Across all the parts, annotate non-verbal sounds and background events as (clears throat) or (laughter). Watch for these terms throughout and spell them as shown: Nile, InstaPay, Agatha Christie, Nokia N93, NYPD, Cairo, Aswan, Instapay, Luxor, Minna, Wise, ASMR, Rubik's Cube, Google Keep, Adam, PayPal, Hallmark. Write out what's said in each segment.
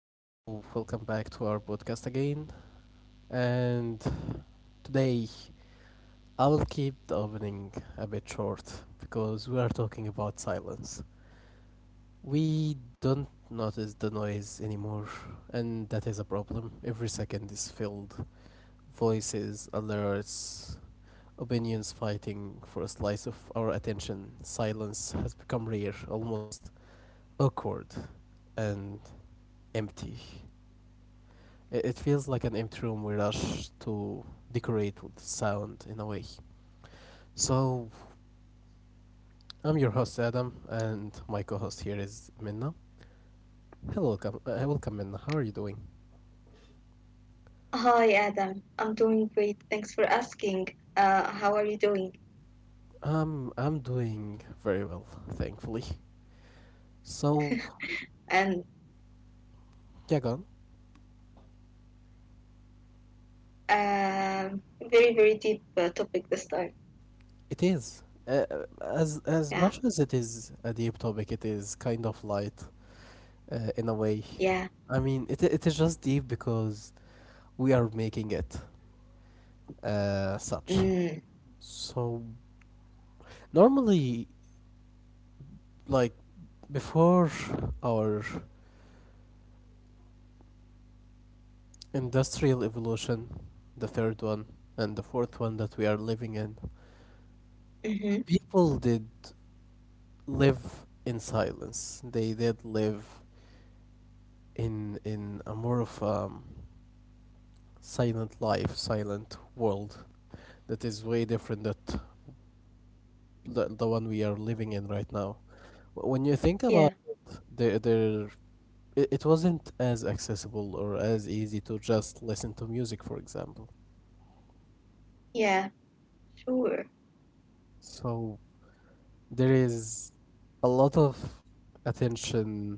Hello, welcome back to our podcast again. And today I'll keep the opening a bit short because we are talking about silence. We don't notice the noise anymore, and that is a problem. Every second is filled. Voices, alerts, opinions fighting for a slice of our attention. Silence has become rare, almost awkward, and empty. It feels like an empty room we rush to decorate with sound in a way. So, I'm your host Adam, and my co-host here is Minna. Hello, welcome Minna. How are you doing? Hi Adam, I'm doing great. Thanks for asking. How are you doing? I'm doing very well, thankfully. So, And yeah, go on. um, very very deep topic this time. It is as much Yeah, as it is a deep topic, it is kind of light in a way. yeah. I mean, it is just deep because we are making it such. Mm. So, normally, like before our industrial evolution, the third one and the fourth one that we are living in, Mm-hmm. people did live in silence. They did live in a more of silent life, silent world that is way different that the one we are living in right now. When you think about Yeah, the their it wasn't as accessible or as easy to just listen to music, for example. yeah. Sure. So there is a lot of attention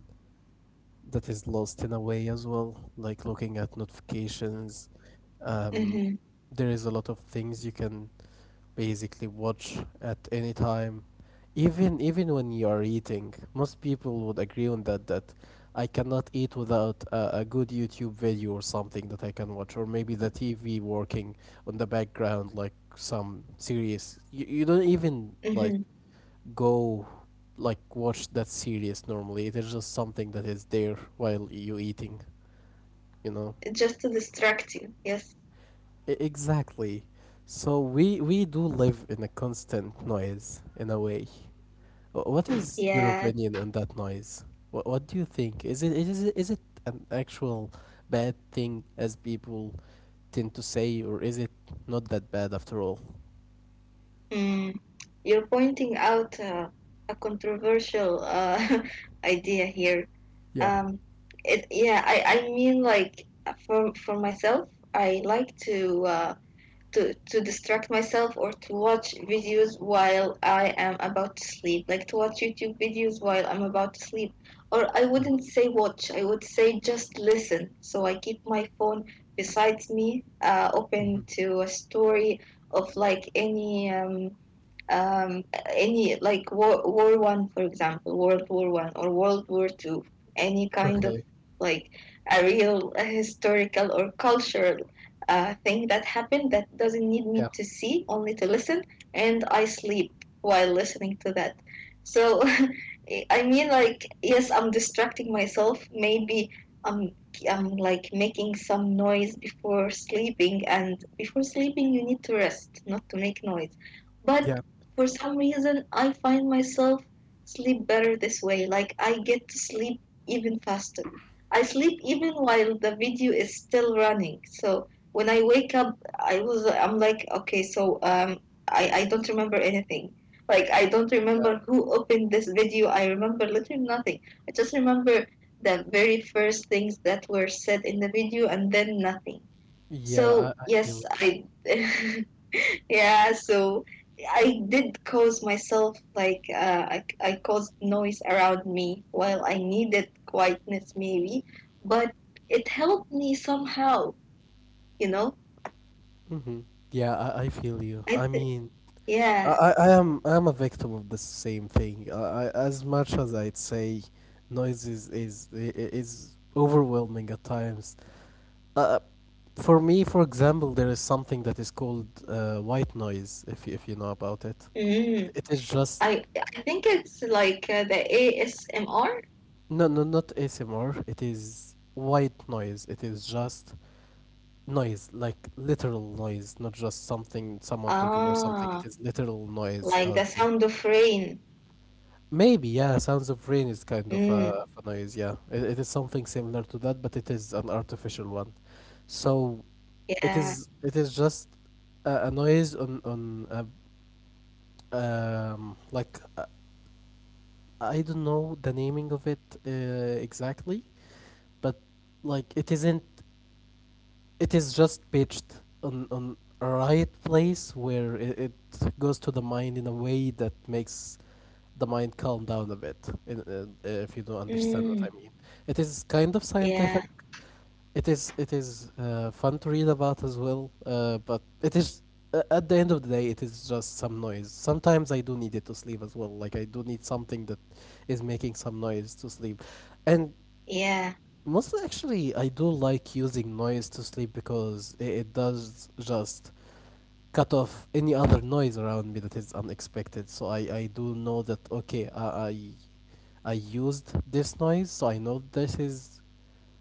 that is lost in a way as well, like looking at notifications. Um, Mm-hmm. there is a lot of things you can basically watch at any time, even when you are eating. Most people would agree on that that I cannot eat without a good YouTube video or something that I can watch, or maybe the TV working on the background like some series. You don't even like Mm-hmm. go like watch that series normally. It is just something that is there while you eating, you know. Just to distract you. Yes. Exactly. So we do live in a constant noise in a way. What is your Yeah. opinion on that noise? What do you think? Is it an actual bad thing as people tend to say, or is it not that bad after all? Mm. You're pointing out a controversial (laughs) idea here. Yeah. Um, yeah, I mean, like, for myself, I like to distract myself, or to watch videos while I am about to sleep. Like, to watch YouTube videos while I'm about to sleep. Or I Hmm. wouldn't say watch, I would say just listen. So I keep my phone besides me, open Hmm. to a story of, like, um, any like war one, for example, World War I or World War II, any kind Okay. of, like, a historical or cultural thing that happened, that doesn't need me Yeah. to see, only to listen. And I sleep while listening to that, so (laughs) I mean, like, yes, I'm distracting myself, maybe. I'm, I'm like making some noise before sleeping, and before sleeping you need to rest, not to make noise. Yeah. But for some reason, I find myself sleep better this way. Like, I get to sleep even faster. I sleep even while the video is still running. So when I wake up, I'm like, okay, so I don't remember anything. Like, I don't Yeah. remember who opened this video. I remember literally nothing. I just remember the very first things that were said in the video, and then nothing. Yeah. So I yes, feel. I (laughs) Yeah, so I did cause myself, like, I caused noise around me while I needed quietness, maybe, but it helped me somehow, you know? Hmm. Yeah, I feel you. I I th- mean, I, yeah. I, I am I am a victim of the same thing. As much as I'd say, noise is is overwhelming at times. Uh, for me, for example, there is something that is called white noise. If you know about it, Mm. it is just I I think it's like the ASMR. no, no, not ASMR. It is white noise. It is just noise, like literal noise, not just something someone talking or something. It Ah, is literal noise like out the there. sound of rain. Maybe, yeah, sounds of rain is kind of Mm. a noise, yeah. It is something similar to that, but it is an artificial one. So it Yeah. is it is just a noise on a, like, I don't know the naming of it exactly, but like it isn't it is just pitched on a right place where it goes to the mind in a way that makes the mind calm down a bit. If you don't understand what I Mm. mean, it is kind of Yeah. scientific. It is fun to read about as well, but it is at the end of the day, it is just some noise. Sometimes I do need it to sleep as well, like I do need something that is making some noise to sleep. And Yeah. mostly, actually, I do like using noise to sleep because it does just cut off any other noise around me that is unexpected. So I do know that, okay, I, I used this noise, so I know this is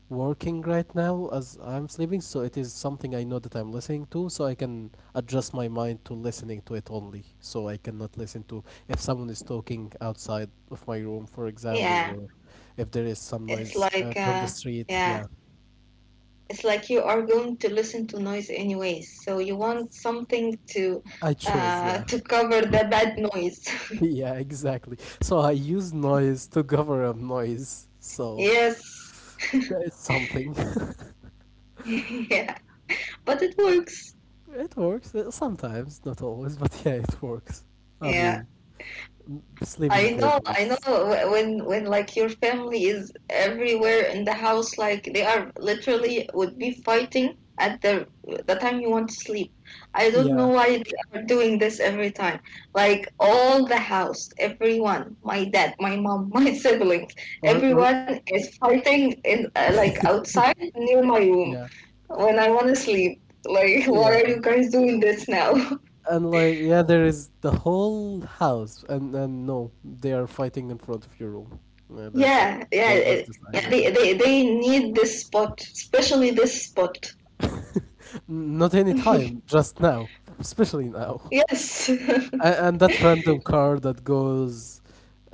working right now as I'm sleeping. So it is something I know that I'm listening to, so I can adjust my mind to listening to it only. So I cannot listen to if someone is talking outside of my room, for example, Yeah. or if there is some It's noise like, from the street. Yeah. yeah. It's like you are going to listen to noise anyways, so you want something to I chose, uh, yeah. (laughs) to cover the bad noise. (laughs) Yeah, exactly. So I use noise to cover up noise. So Yes. that is something. (laughs) Yeah, but it works. (laughs) It works, sometimes, not always, but yeah, it works. I Yeah. mean, sleeping I know, I know. problems. When like your family is everywhere in the house, like, they are literally would be fighting at the time you want to sleep. I don't Yeah. know why they are doing this every time. Like, all the house, everyone, my dad, my mom, (laughs) my siblings, Or everyone is fighting in, like, outside near my room yeah. when I want to sleep. Like, (laughs) why are Yeah. you guys doing this now? (laughs) And like, yeah, there is the whole house, and no, they are fighting in front of your room. Yeah, that's it. Yeah, yeah, They just yeah. decided that. They need this spot, especially this spot. Not any (laughs) time, just now, especially now. Yes. And that random car that goes,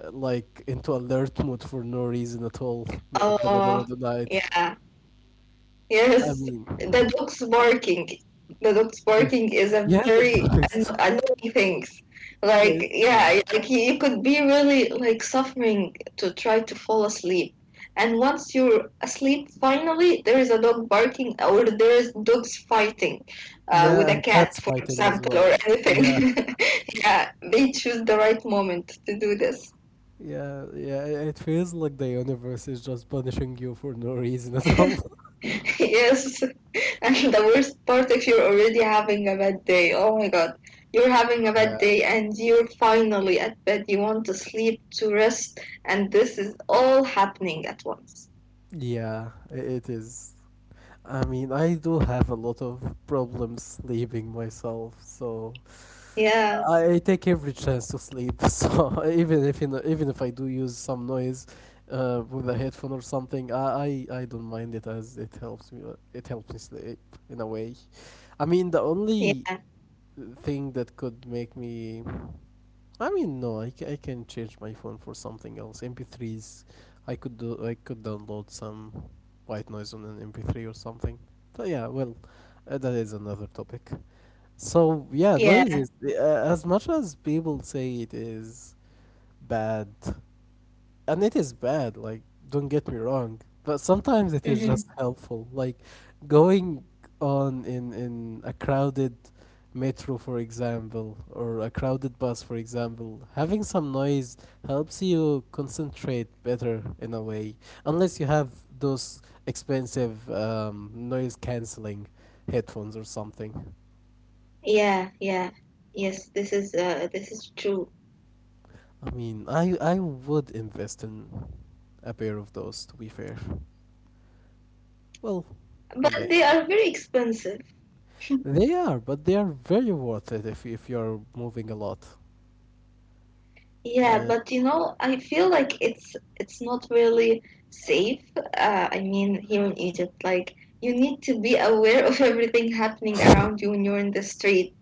like, into alert mode for no reason at all, (laughs) in the middle of the Oh, night. yeah. I Yes, mean, the dog's barking. The dog's yeah, barking is a yeah, the very dogs. (laughs) annoying thing. That Like, is true. yeah, like, you could be really, like, suffering to try to fall asleep. And once you're asleep, finally there is a dog barking, or there is dogs fighting with Yeah, a and cat, cats for fighting as example, well. or anything. Yeah, (laughs) Yeah, they choose the right moment to do this. yeah, yeah. It feels like the universe is just punishing you for no (laughs) reason (laughs) at all. (laughs) Yes, and the worst part, if you're already having a bad day. Oh my god, you're having a Yeah, bad day and you're finally at bed. You want to sleep, to rest, and this is all happening at once. yeah, it is. I mean, I do have a lot of problems sleeping myself, so. Yeah, I take every chance to sleep, (laughs) so even if I do use some noise, with a headphone or something, I don't mind it as it helps me. It helps me sleep in a way. I mean, the only yeah, thing that could make me, I mean, no, I can change my phone for something else. MP3s, I could do. I could download some white noise on an MP3 or something. But yeah, well, that is another topic. So yeah, yeah, noise is, as much as people say it is bad, and it is bad. Like, don't get me wrong, but sometimes it is hmm, just helpful. Like, going on in a crowded metro, for example, or a crowded bus, for example, having some noise helps you concentrate better in a way, unless you have those expensive noise canceling headphones or something. yeah, yeah. Yes, this is true. I mean, I would invest in a pair of those. To be fair, well, one But day. they are very expensive. (laughs) They are, but they are very worth it if you're moving a lot. Yeah, And but, you know, I feel like it's not really safe. I mean, here in Egypt, like, you need to be aware of everything happening around you when you're in the street.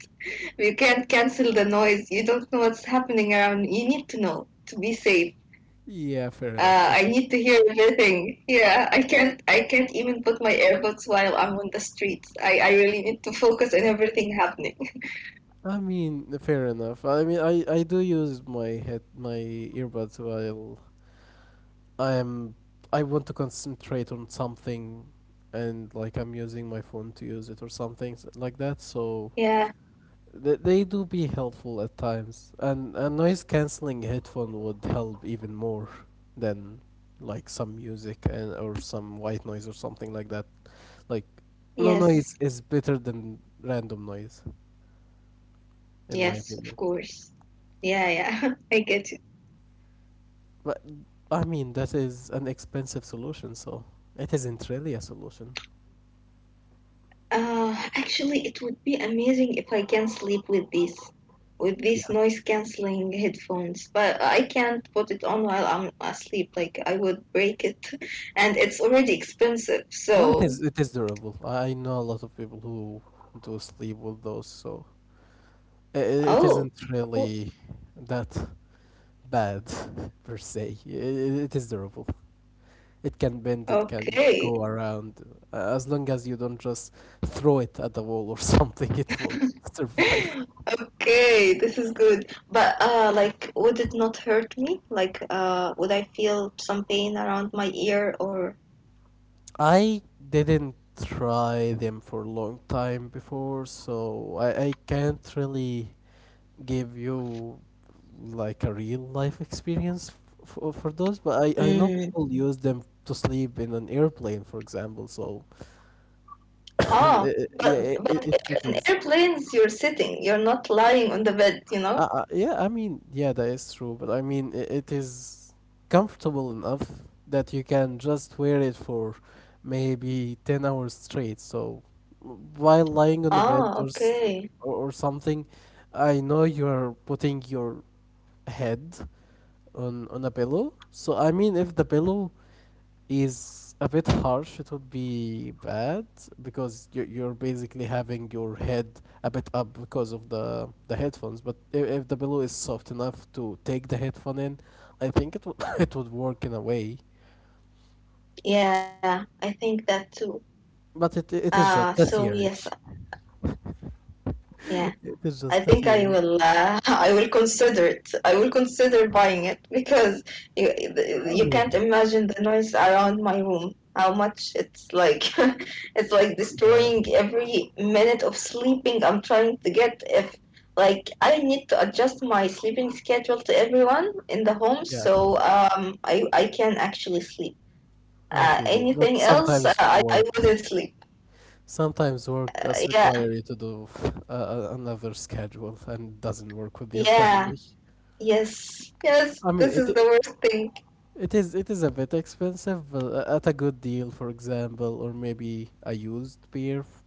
You can't cancel the noise. You don't know what's happening around. You need to know to be safe. yeah, fair enough. I Okay. need to hear everything. Yeah, I can't. I can't even put my earbuds while I'm on the streets. I really need to focus on everything happening. (laughs) I mean, fair enough. I mean, I do use my head my earbuds while I'm I want to concentrate on something, and like I'm using my phone to use it or something like that. So Yeah. they do be helpful at times, and a noise cancelling headphone would help even more than like some music, and or some white noise or something like that. Like, no noise Yes. is better than random noise, in my Yes. opinion. Of course. Yeah. Yeah. (laughs) I get you. But I mean that is an expensive solution, so it isn't really a solution. Actually, it would be amazing if I can sleep with these Yeah. noise canceling headphones, but I can't put it on while I'm asleep. Like, I would break it, (laughs) and it's already expensive. No, it So, is. It is durable. I know a lot of people who do sleep with those, so it it oh, isn't cool. really that bad (laughs) per se. It is durable. It can bend, it can Okay, go around. As long as you don't just throw it at the wall or (laughs) something, it will (laughs) survive. (laughs) okay, this is good. But like, would it not hurt me? Like, would I feel some pain around my ear, or? I didn't try them for a long time before, so I can't really give you like a real life experience for those, but I know Mm. people use them to sleep in an airplane, for example, so (coughs) i- Ah, yeah, but it, but it, it in is. airplanes you're sitting, you're not lying on the bed, you know? Yeah, I mean, yeah, that is true, but I mean, I it is comfortable enough that you can just wear it for maybe 10 hours straight. So while lying on the bed, or, Ah, s- okay. or or something, I know you're putting your head on a pillow. So I mean, if the pillow is a bit harsh, it would be bad because you're basically having your head a bit up because of the headphones. But if the pillow is soft enough to take the headphone in, I think it would (laughs) it would work in a way. Yeah, I think that too. But it is Ah, just a so theory. yes, yeah. (laughs) It is I just a think I theory. will. (laughs) I will consider it. I will consider buying it because you I you can't mean, imagine the noise around my room. How much it's like. (laughs) It's like yeah, destroying every minute of sleeping I'm trying to get. If, like, I need to adjust my sleeping schedule to everyone in the home, yeah, so I can actually sleep. I feel you. But Anything else, uh, sometimes I I work, wouldn't sleep. sometimes work does Yeah, require you to do, another schedule and doesn't work with your (laughs) family. yeah. Yes, yes, I mean, this it is the worst thing. It is it is a bit expensive, but at a good deal, for example, or maybe a used beer,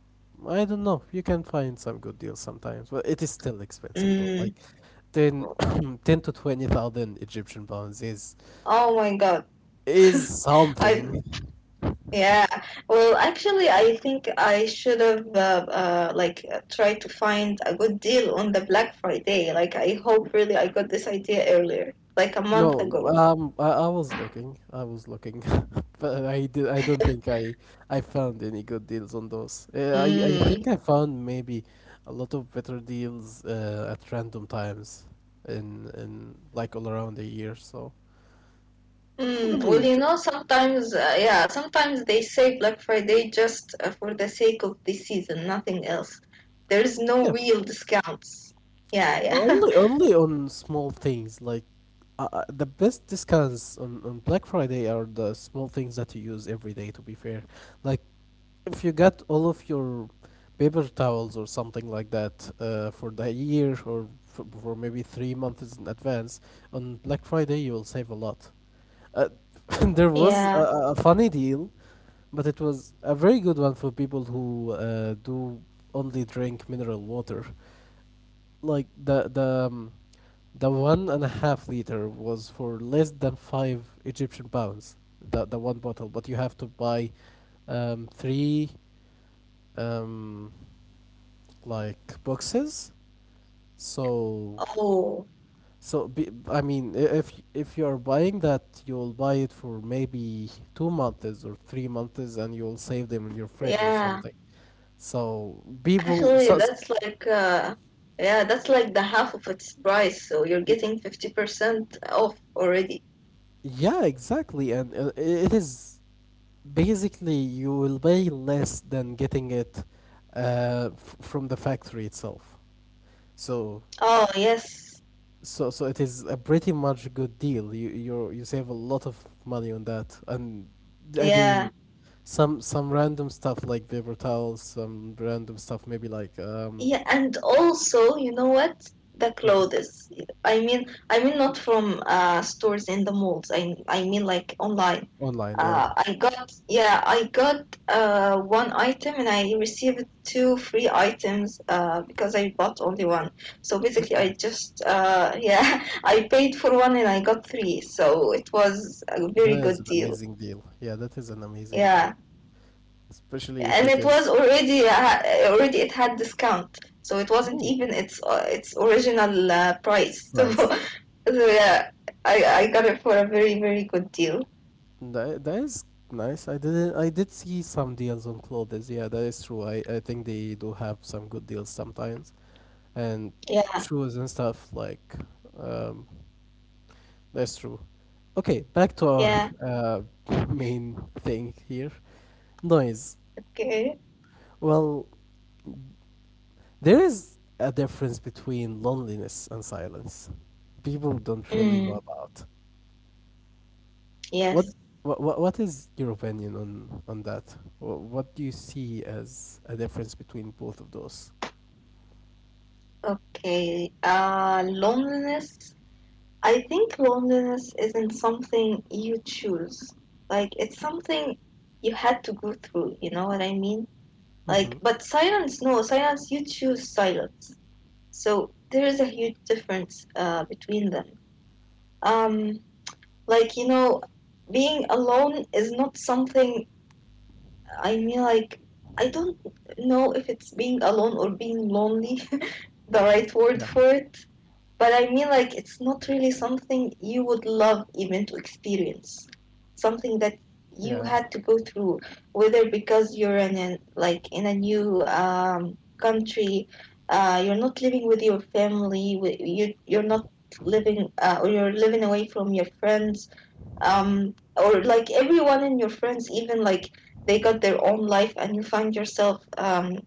I don't know. You can find some good deals sometimes, but it is still expensive though. Mm, Like 10, (coughs) (clears throat) 10 to twenty thousand Egyptian pounds is oh my God. is (laughs) I something. Yeah. Well, actually, I think I should have like, tried to find a good deal on the Black Friday. Like, I hope really I got this idea earlier, like a month No, ago. I was looking, (laughs) but I don't think I found any good deals on those. I Mm. think I found maybe a lot of better deals, at random times in like all around the year. So I Mm. Well, mean, sometimes, yeah, sometimes they say Black Friday just for the sake of the season, nothing else. There's no yeah, real discounts. Yeah, yeah, only on small things like, the best discounts on Black Friday are the small things that you use every day. To be fair, like, if you get all of your paper towels or something like that, for the year or for maybe 3 months in advance, on Black Friday you will save a lot. Uh, (laughs) there (laughs) was a, yeah. a a funny deal, but it was a very good one for people who do only drink mineral water. Like the 1.5 liter was for less than 5 Egyptian pounds. The one bottle, but you have to buy three. Um, like boxes. So Oh, I mean, if you're buying that, you'll buy it for maybe 2 months or 3 months, and you'll save them in your fridge or yeah. something. So people, Actually, so, so- that's like, yeah, that's like the half of its price, so you're getting 50% off already. yeah, exactly, and it is basically you will pay less than getting it, from the factory itself. So Oh, yes. so it is a pretty much good deal. You save a lot of money on that, and again, Yeah. some random stuff like paper towels, some random stuff maybe like, Yeah, and also, you know what? The mhm. clothes. I mean, not from stores in the malls. I mean, like, online. Online. Yeah, I got, yeah, I got one item, and I received two free items because I bought only one. So basically, I ooh, just (laughs) yeah, I paid for one and I got three. So it was a very that is good an deal. amazing deal. Yeah, that is an amazing deal, Yeah, especially if and it it was is already it had discount, so it wasn't ooh, even its its original price, so, (laughs) price. so yeah, I got it for a very very good deal. That is nice. I didn't. I did see some deals on clothes. Yeah, that is true. I think they do have some good deals sometimes. And Yeah. shoes and stuff like, um, that's true. Okay, back to our, Yeah. uh, (laughs) main thing here. Noise. Okay. Well, there is a difference between loneliness and silence people don't really know Mm, about. what yes. what, What. what is your opinion on that? What do you see as a difference between both of those? Okay. Loneliness. I think loneliness isn't something you choose. Like, it's something you had to go through, you know what I mean? Hmm. Like, but silence, no, silence you choose. Silence. So there is a huge difference between them. Um, like, being alone is not something. I mean, like, I don't know if it's being alone or being lonely, (laughs) the right word Yeah. for it. But I mean, like, it's not really something you would love even to experience. Something that you Yeah. had to go through, whether because you're like, in a new country, you're not living with your family, you're not living, or you're living away from your friends, or, like, everyone in your friends, even, like, they got their own life, and you find yourself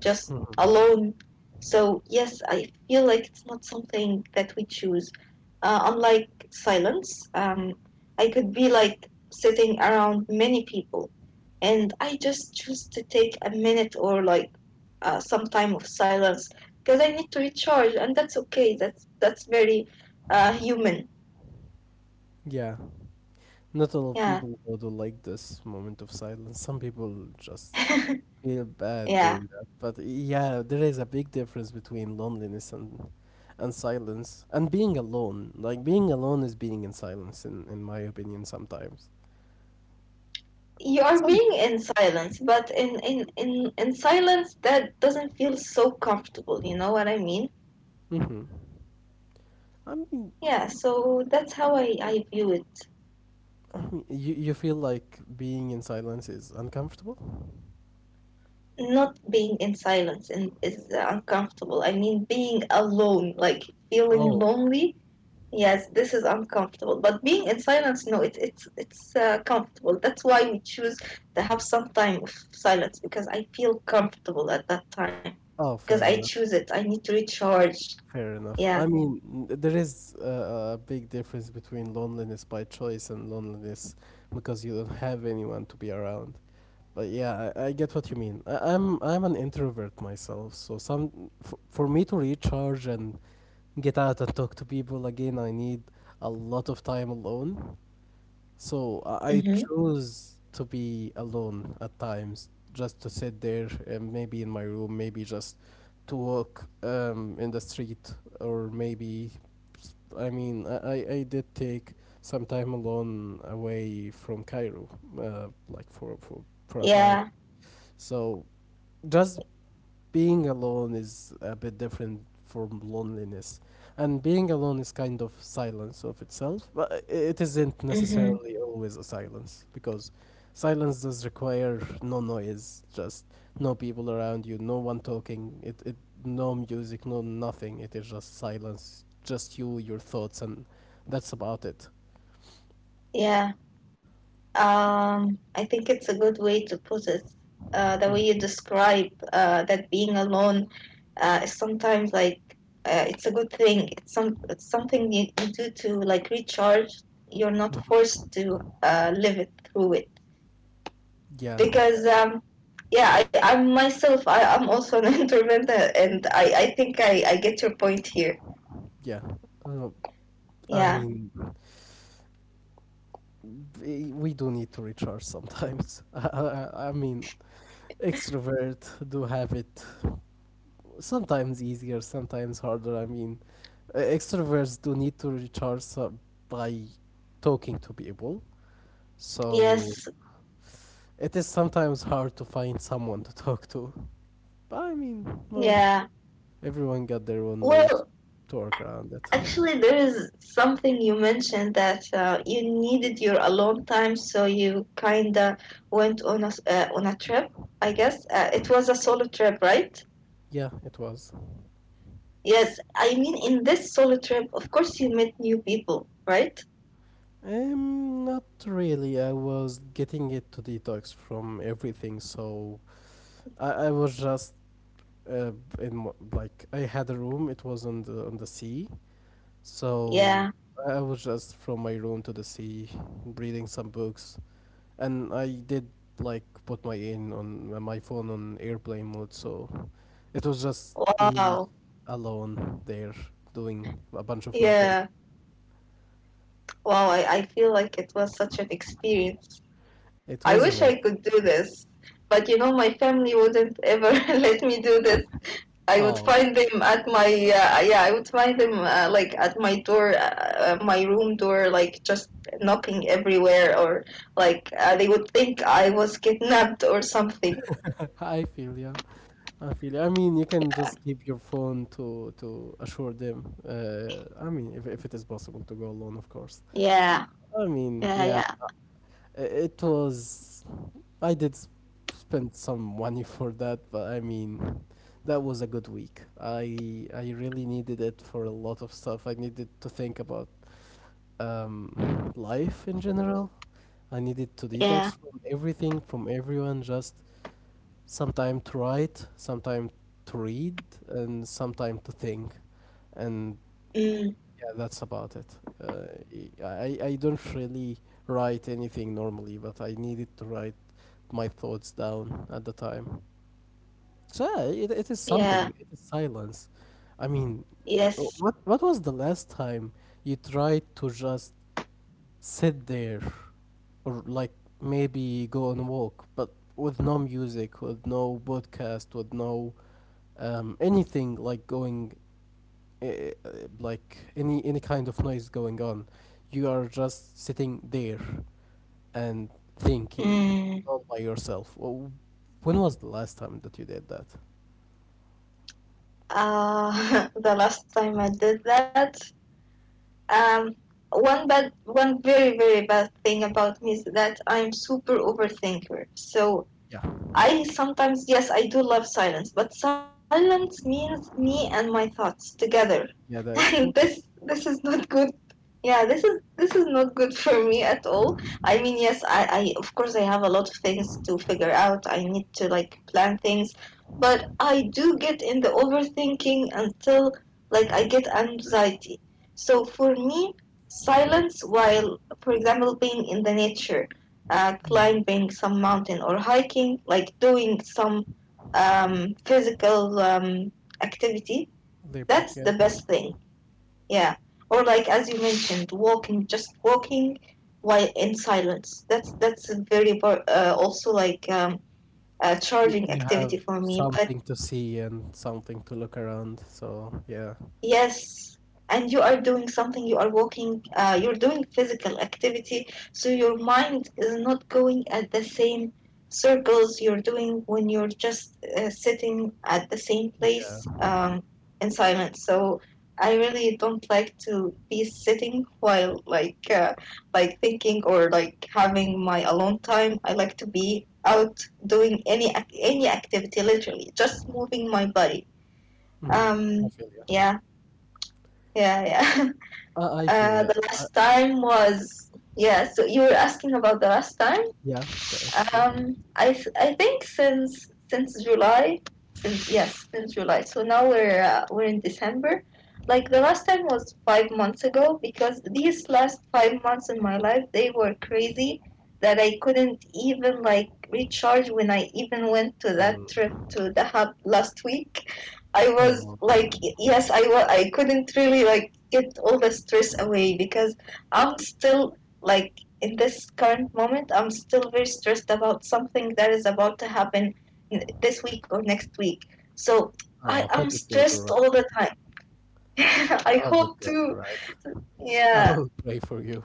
just Hmm. alone. So, yes, I feel like it's not something that we choose. Unlike silence, I could be, like, sitting around many people and I just choose to take a minute or, like, some time of silence because I need to recharge, and that's okay. That's very human. Yeah. Not all Yeah, people would like this moment of silence. Some people just feel (laughs) bad yeah. doing that. But yeah, there is a big difference between loneliness and silence and being alone. Like being alone is being in silence, in my opinion, sometimes. You are Some. being in silence, but in silence that doesn't feel so comfortable. You know what I mean? Mm-hmm. I mean, Yeah, so that's how I view it. You feel like being in silence is uncomfortable. Not being in silence, and is uncomfortable. I mean, being alone, like, feeling Oh. lonely. Yes, this is uncomfortable. But being in silence, no, it's comfortable. That's why we choose to have some time of silence, because I feel comfortable at that time Oh, because fair I enough. choose it. I need to recharge. Fair enough. Yeah. I mean, there is a big difference between loneliness by choice and loneliness because you don't have anyone to be around. But yeah, I get what you mean. I'm an introvert myself, so some for me to recharge and get out and talk to people again, I need a lot of time alone. So I Mhm. choose to be alone at times, just to sit there, and maybe in my room, maybe just to walk, in the street, or maybe, I mean, I did take some time alone away from Cairo, like for a time. Yeah. So just being alone is a bit different from loneliness, and being alone is kind of silence of itself, but it isn't Mhm. necessarily always a silence because silence does require no noise, just no people around you, no one talking, it no music, no nothing, it is just silence, just you, your thoughts, and that's about it. Yeah. I think it's a good way to put it. The way you Mhm, describe that being alone is sometimes, like, it's a good thing. It's something you do to, like, recharge. You're not mhm. forced to live it through it, Yeah. because uh, yeah, I'm myself. I'm also an (laughs) introvert, and I think I get your point here. yeah. uh, I Yeah. mean, we do need to recharge sometimes. (laughs) I mean, extrovert do have it sometimes easier, sometimes harder. I mean, extroverts do need to recharge, by talking to people, so Yes. it is sometimes hard to find someone to talk to. But I mean, well, Yeah. everyone got their own way Well, to work around it. actually, there is something you mentioned that you needed your alone time, so you kinda went on a on a trip. I guess it was a solo trip, right? Yeah, it was. Yes, I mean, in this solo trip, of course you met new people, right? Not really. I was getting it to detox from everything, so I was just, uh, like I had a room. It was on the sea, so Yeah. I was just from my room to the sea, reading some books, and I did like put my phone on airplane mode. So it was just me Wow. alone there doing a bunch of nothing. Yeah. Wow. I feel like it was such an experience. It I was wish amazing. I could do this, but you know my family wouldn't ever (laughs) let me do this. I would Oh. find them at my, yeah, I would find them, like, at my door, my room door, like, just knocking everywhere, or, like, they would think I was kidnapped or something. (laughs) I feel you. I feel you. I mean, you can just keep your phone to assure them. I mean, if it is possible to go alone, of course. Yeah, I mean, yeah, yeah, yeah, it was. I did spend some money for that, but I mean, that was a good week. I really needed it for a lot of stuff. I needed to think about, life in general. I needed to detox yeah. from everything, from everyone. Just sometime to write, sometime to read, and sometime to think. And Mm, Yeah, that's about it. I don't really write anything normally, but I needed to write my thoughts down at the time. So yeah, it is something. yeah. It is silence. I mean, uh, Yes. what was the last time you tried to just sit there, or like maybe go on a walk, but with no music, with no podcast, with no, anything like going, uh, like any kind of noise going on. You are just sitting there and thinking Mm. all by yourself. Well, when was the last time that you did that? (laughs) The last time I did that, um, one bad, one very bad thing about me is that I'm super overthinker. So I sometimes, yes, I do love silence, but silence means me and my thoughts together, (laughs) Yeah, that and is true. this is not good. Yeah, this is not good (laughs) for me at all. I mean, yes, I of course I have a lot of things to figure out. I need to like plan things, but I do get in the overthinking until like I get anxiety. So for me, silence while, for example, being in the nature Mhm. climbing some mountain or hiking, like doing some physical activity, Labor, that's yeah. the best thing. Yeah. Or like as you mentioned, walking, just walking while in silence. That's very also like a You, charging you activity have for me. But something to see and something to look around. So yeah, yes, and you are doing something, you are walking, you're doing physical activity, so your mind is not going at the same circles you're doing when you're just sitting at the same place yeah. In silence. So I really don't like to be sitting while like thinking or like having my alone time. I like to be out doing any activity, literally just moving my body. Hmm. Um, I feel you. yeah. Yeah, yeah. (laughs) I feel, yeah. the I, last time was yeah. So you were asking about the last time. yeah, that is true. I think since July, since yes, since July. So now we're in December. Like the last time was 5 months ago because these last 5 months in my life they were crazy that I couldn't even like recharge when I even went to that trip Mm. to the hub last week. I Oh. was like, yes, I couldn't really like get all the stress away because I'm still like in this current moment, I'm still very stressed about something that is about to happen this week or next week. So I Oh, am hope it goes stressed alright. all the time. (laughs) I Hope it hope goes to. alright. I Yeah. will pray for you.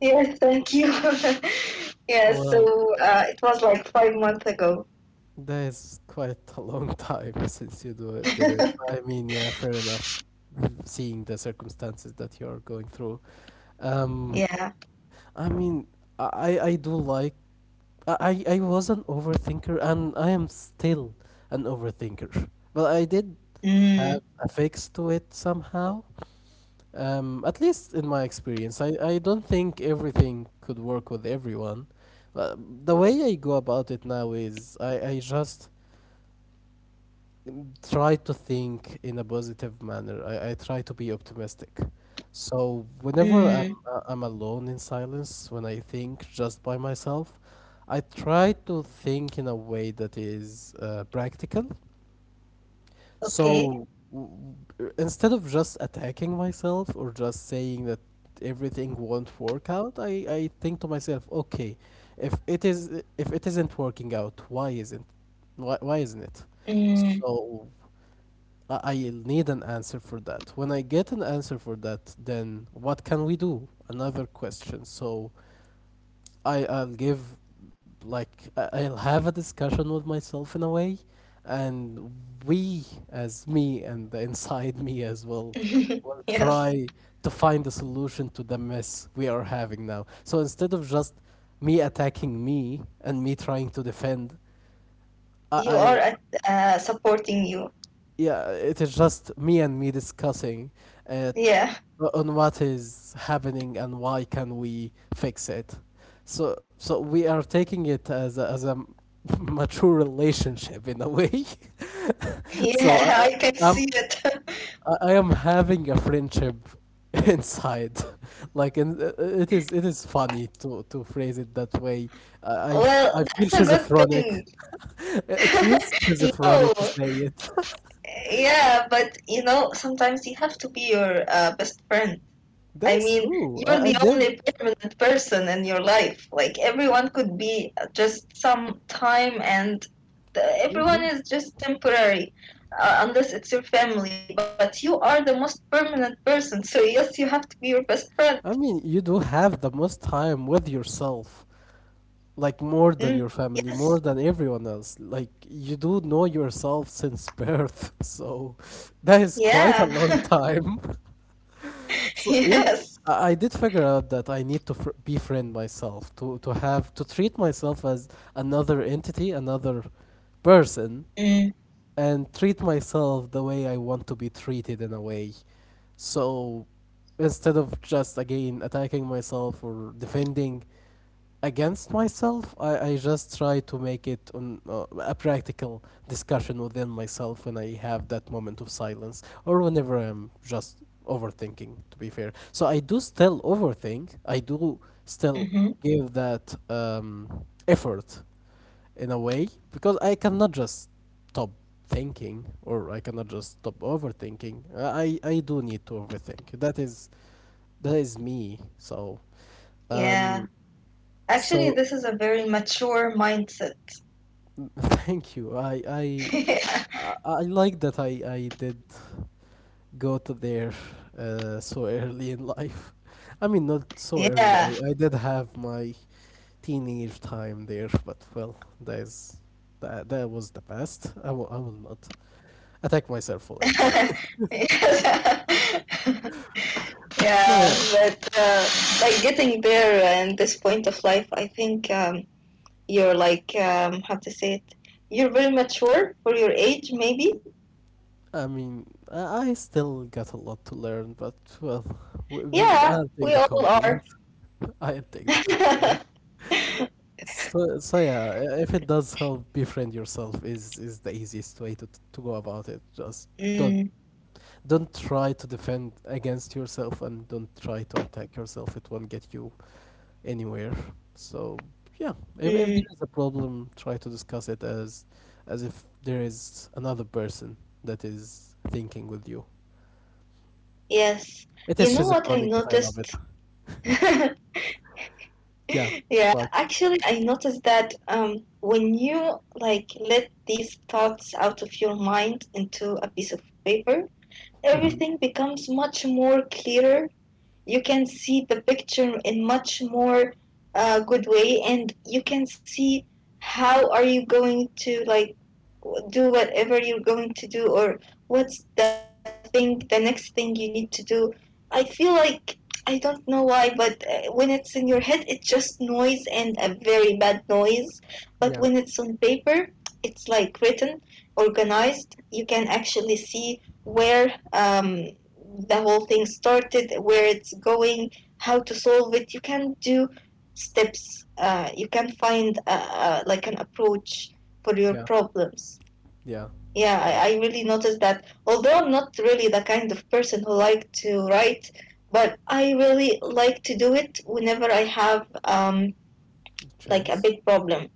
Yes. Thank you. (laughs) yeah. So Well, it was like 5 months ago. that is quite a long (laughs) time since you do it, (laughs) did it. I mean, yeah, fair enough. Seeing the circumstances that you are going through. Um, yeah. I mean, I do like I I was an overthinker and I am still an overthinker, but I did have Mm, a fix to it somehow. At least in my experience, I don't think everything could work with everyone. The way I go about it now is I just try to think in a positive manner. I try to be optimistic. So whenever mm, I'm alone in silence, when I think just by myself, I try to think in a way that is, practical. okay. So w- instead of just attacking myself or just saying that everything won't work out, I think to myself, okay, if it is if it isn't working out, why isn't it? Mm. So I'll need an answer for that. When I get an answer for that, then what can we do? Another question. So I I'll give like I- I'll have a discussion with myself in a way, and we as me and the inside me as well (laughs) will yes. try to find a solution to the mess we are having now. So instead of just me attacking me and me trying to defend, I- You are I'll at, supporting you. yeah, it is just me and me discussing, uh, Yeah. (laughs) on what is happening and why can we fix it. So we are taking it as a (laughs) mature relationship in a way. (laughs) Yeah. so I can I I'm see it. (laughs) I am having a friendship (laughs) inside. (laughs) like, it is funny to phrase it that way. I I f- Well, I feel that's a good schizophrenic. thing. (laughs) It feels (laughs) no, schizophrenic to say it. yeah, but you know, sometimes you have to be your best friend. (laughs) I That's mean, true. you're I the did. only permanent person in your life. Like, everyone could be just some time, and the, everyone Mhm. is just temporary, unless it's your family. But you are the most permanent person, so yes, you have to be your best friend. I mean, you do have the most time with yourself, like more Mm, than your family, yes, more than everyone else. Like, you do know yourself since birth, (laughs) so that is quite yeah, a long time. (laughs) (laughs) So, yeah, yes. I did figure out that I need to fr befriend myself, to treat myself as another entity, another person, Mm, and treat myself the way I want to be treated in a way. So instead of just again attacking myself or defending against myself, I just try to make it on, a practical discussion within myself when I have that moment of silence or whenever I'm just overthinking to be fair. So I do still overthink. I do still hmm give that, effort in a way because I cannot just stop thinking or I cannot just stop overthinking. I do need to overthink. That is me. So, yeah. um Actually, so, this is a very mature mindset. (laughs) thank you. I (laughs) I yeah. I I like that I did go to there, so early in life. (laughs) I mean, not so early. Yeah. I did have my teenage time there, but well, that is that that was the past. I will not attack myself (laughs) for it. (laughs) yes. (laughs) So yeah, yeah, but like getting there and this point of life, I think you're like, how to say it? You're very mature for your age, maybe? I mean, I still got a lot to learn, but well, we Yeah, I'll take we the all are. compliment. (laughs) I'll take the compliment. (laughs) So yeah, if it does help, befriend yourself is the easiest way to go about it. Just don't mm, don't try to defend against yourself and don't try to attack yourself. It won't get you anywhere. So yeah, if mm, there is a problem, try to discuss it as if there is another person that is thinking with you. yes. It You is know what I schizophrenic, but I love it. noticed? (laughs) (laughs) Yeah. Yeah, What? actually, I noticed that when you like let these thoughts out of your mind into a piece of paper, Hmm. everything becomes much more clearer. You can see the picture in much more good way, and you can see how are you going to like do whatever you're going to do or what's the thing the next thing you need to do. I feel like I don't know why but when it's in your head it's just noise and a very bad noise, but Yeah. when it's on paper it's like written, organized. You can actually see where the whole thing started, where it's going, how to solve it. You can do steps. You can find like an approach for your Yeah. problems. Yeah. Yeah, Uh, I really noticed that. Although I'm not really the kind of person who like to write, but I really like to do it whenever I have like a trans. big problem,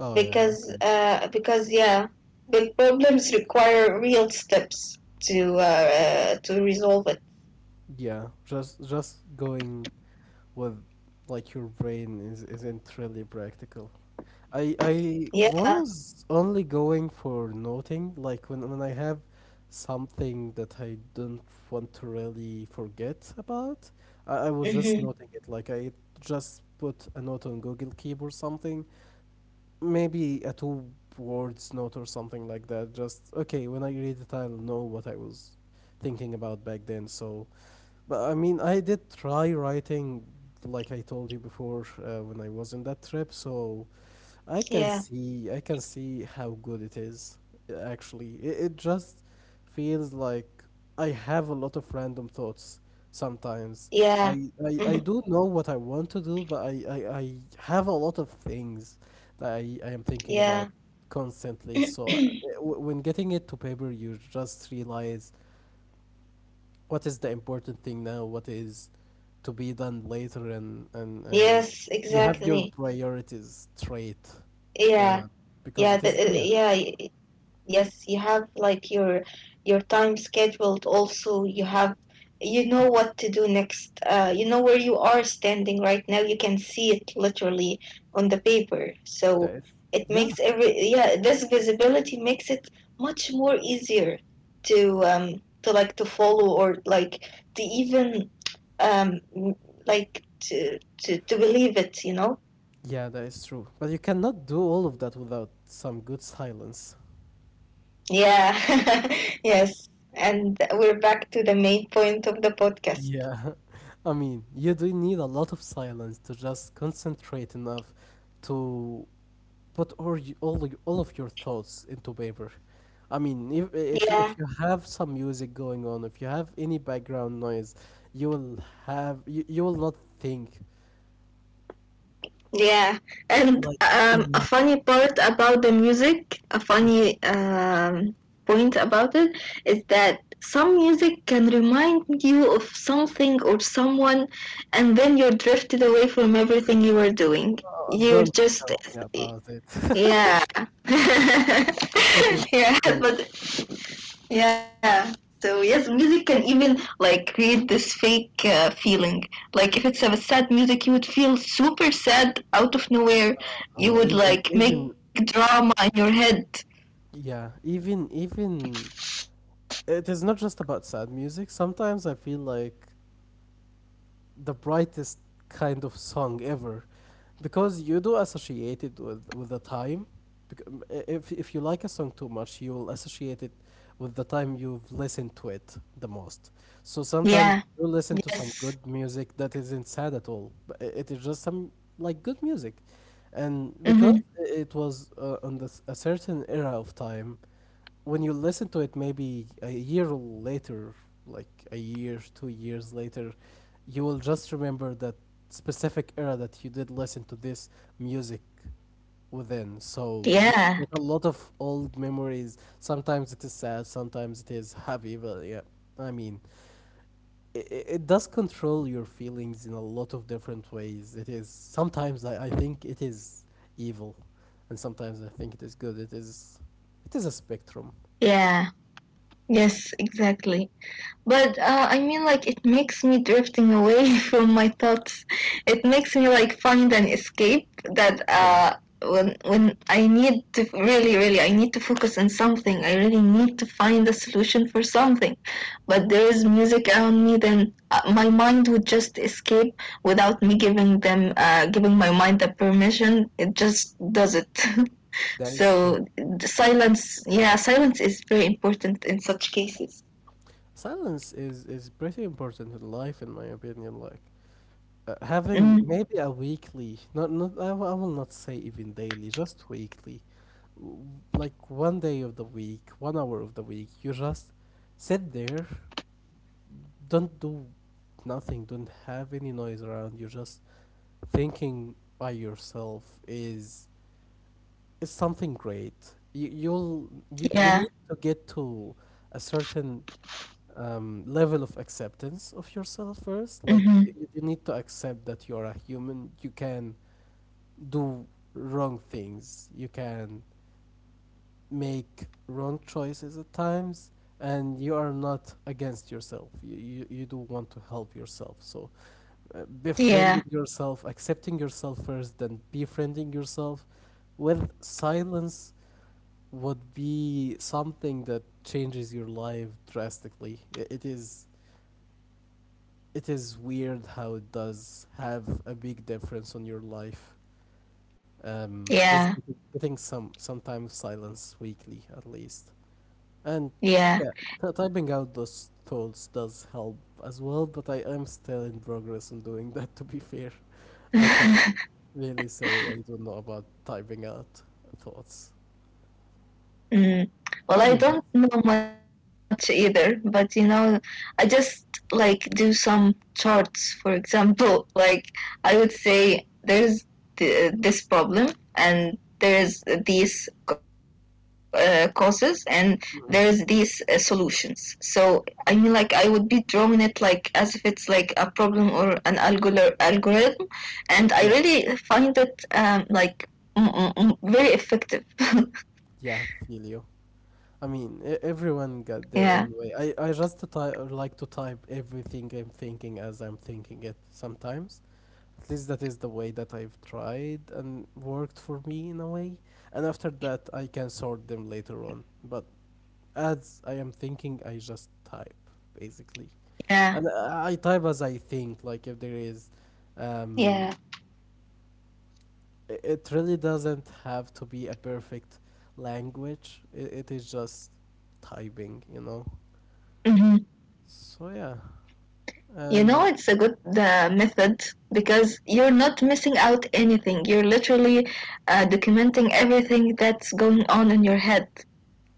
Oh yeah. Okay. Because yeah, big problems require real steps to resolve it. Yeah. Just going with like your brain is isn't really practical. I Yeah. was only going for noting like when I have something that I don't want to really forget about. I was just hmm noting it like I just put a note on Google Keep or something, maybe a two words note or something like that. Just okay, when I read it, I'll know what I was thinking about back then. So, but I mean, I did try writing, like I told you before, when I was in that trip. So I can Yeah, see I can see how good it is, actually. It just feels like I have a lot of random thoughts sometimes. yeah, I mhm, do know what I want to do, but I have a lot of things that I am thinking about yeah, constantly. So (clears throat) when getting it to paper, you just realize what is the important thing now, what is to be done later, and yes, you have your exactly. priorities straight, Yeah, uh, because yeah, it is there. Yes, you have like your time scheduled also. You have you know what to do next. You know where you are standing right now. You can see it literally on the paper. That So is it yeah. makes every yeah, this visibility makes it much more easier to like to follow or like to even um like to believe it, you know. Yeah, that is true, but you cannot do all of that without some good silence. Yeah. (laughs) Yes, and we're back to the main point of the podcast. Yeah. (laughs) I mean, you do need a lot of silence to just concentrate enough to put all of your thoughts into paper. I mean, if if you, Yeah, if you have some music going on, if you have any background noise, you will you will not think yeah. And like a enough. funny part about the music, a funny point about it, is that some music can remind you of something or someone, and then you're drifted away from everything you were doing. You're Don't just tell me about it. (laughs) yeah. (laughs) It is yeah, true. but yeah. So yes, music can even like create this fake feeling. Like if it's a sad music, you would feel super sad out of No, nowhere. no, You even would like even make drama in your head. yeah, even it is not just about sad music. Sometimes I feel like the brightest kind of song ever, because you do associate it with the time. Bec- if you like a song too much, you will associate it with the time you've listened to it the most. So sometimes Yeah. you listen to some Yes. good music that isn't sad at all, but it is just some like good music, and Mm-hmm. because it was on this, a certain era of time, when you listen to it maybe a year later, like a year, 2 years later, you will just remember that specific era that you did listen to this music within. So you Yeah. get a lot of old memories, sometimes it is sad, sometimes it is happy, but yeah, I mean, it does control your feelings in a lot of different ways. It is sometimes I think it is evil, and sometimes I think it is good. It is it is a spectrum. Yeah. Yes, exactly. But I mean, like, it makes me drifting away (laughs) from my thoughts. It makes me like find an escape that Yeah. When I need to really, really, I need to focus on something. I really need to find a solution for something. But there is music around me, then my mind would just escape without me giving them, giving my mind the permission. It just does it. (laughs) That is true. So the silence, yeah, silence is very important in such cases. Silence is pretty important in life, in my opinion. Like, having Mm, maybe a weekly, not not I, w- I will not say even daily, just weekly, w- like one day of the week, one hour of the week. You just sit there, don't do nothing, don't have any noise around. You're just thinking by yourself is something great. You yeah. need to get to a certain level of acceptance of yourself first. Like you, Mhm. you need to accept that you're a human. You can do wrong things. You can make wrong choices at times, and you are not against yourself. You do want to help yourself. So Yeah. befriending yourself, accepting yourself first, then befriending yourself with silence would be something that changes your life drastically. It is weird how it does have a big difference on your life. Just Yeah. Getting some time of silence weekly at least, and Yeah. yeah, typing out those thoughts does help as well. But I am still in progress on doing that. To be fair, I can't really say I don't know about typing out thoughts, Mm. but Well, I I mean just don't know much either, but you know, I just like do some charts, for example. (laughs) Like, I would say there's this problem, and there's these causes, and mhm. there's these solutions. So, I mean, like, I would be drawing it like as if it's like a problem or an Yeah, algorithm, and I really find it like very effective. yeah, feel you. (laughs) I mean, everyone got their own way. I Yeah, like to type everything I'm thinking as I'm thinking it sometimes. At least that is the way that I've tried and worked for me in a way. And after that, I can sort them later on. But as I am thinking, I just type, basically. yeah, And I type as I think, like if there is. yeah. Um, it really doesn't have to be a perfect language, it is just typing, you know? Mhm. So yeah, You and know, it's a good method because you're not missing out anything. You're literally documenting everything that's going on in your head.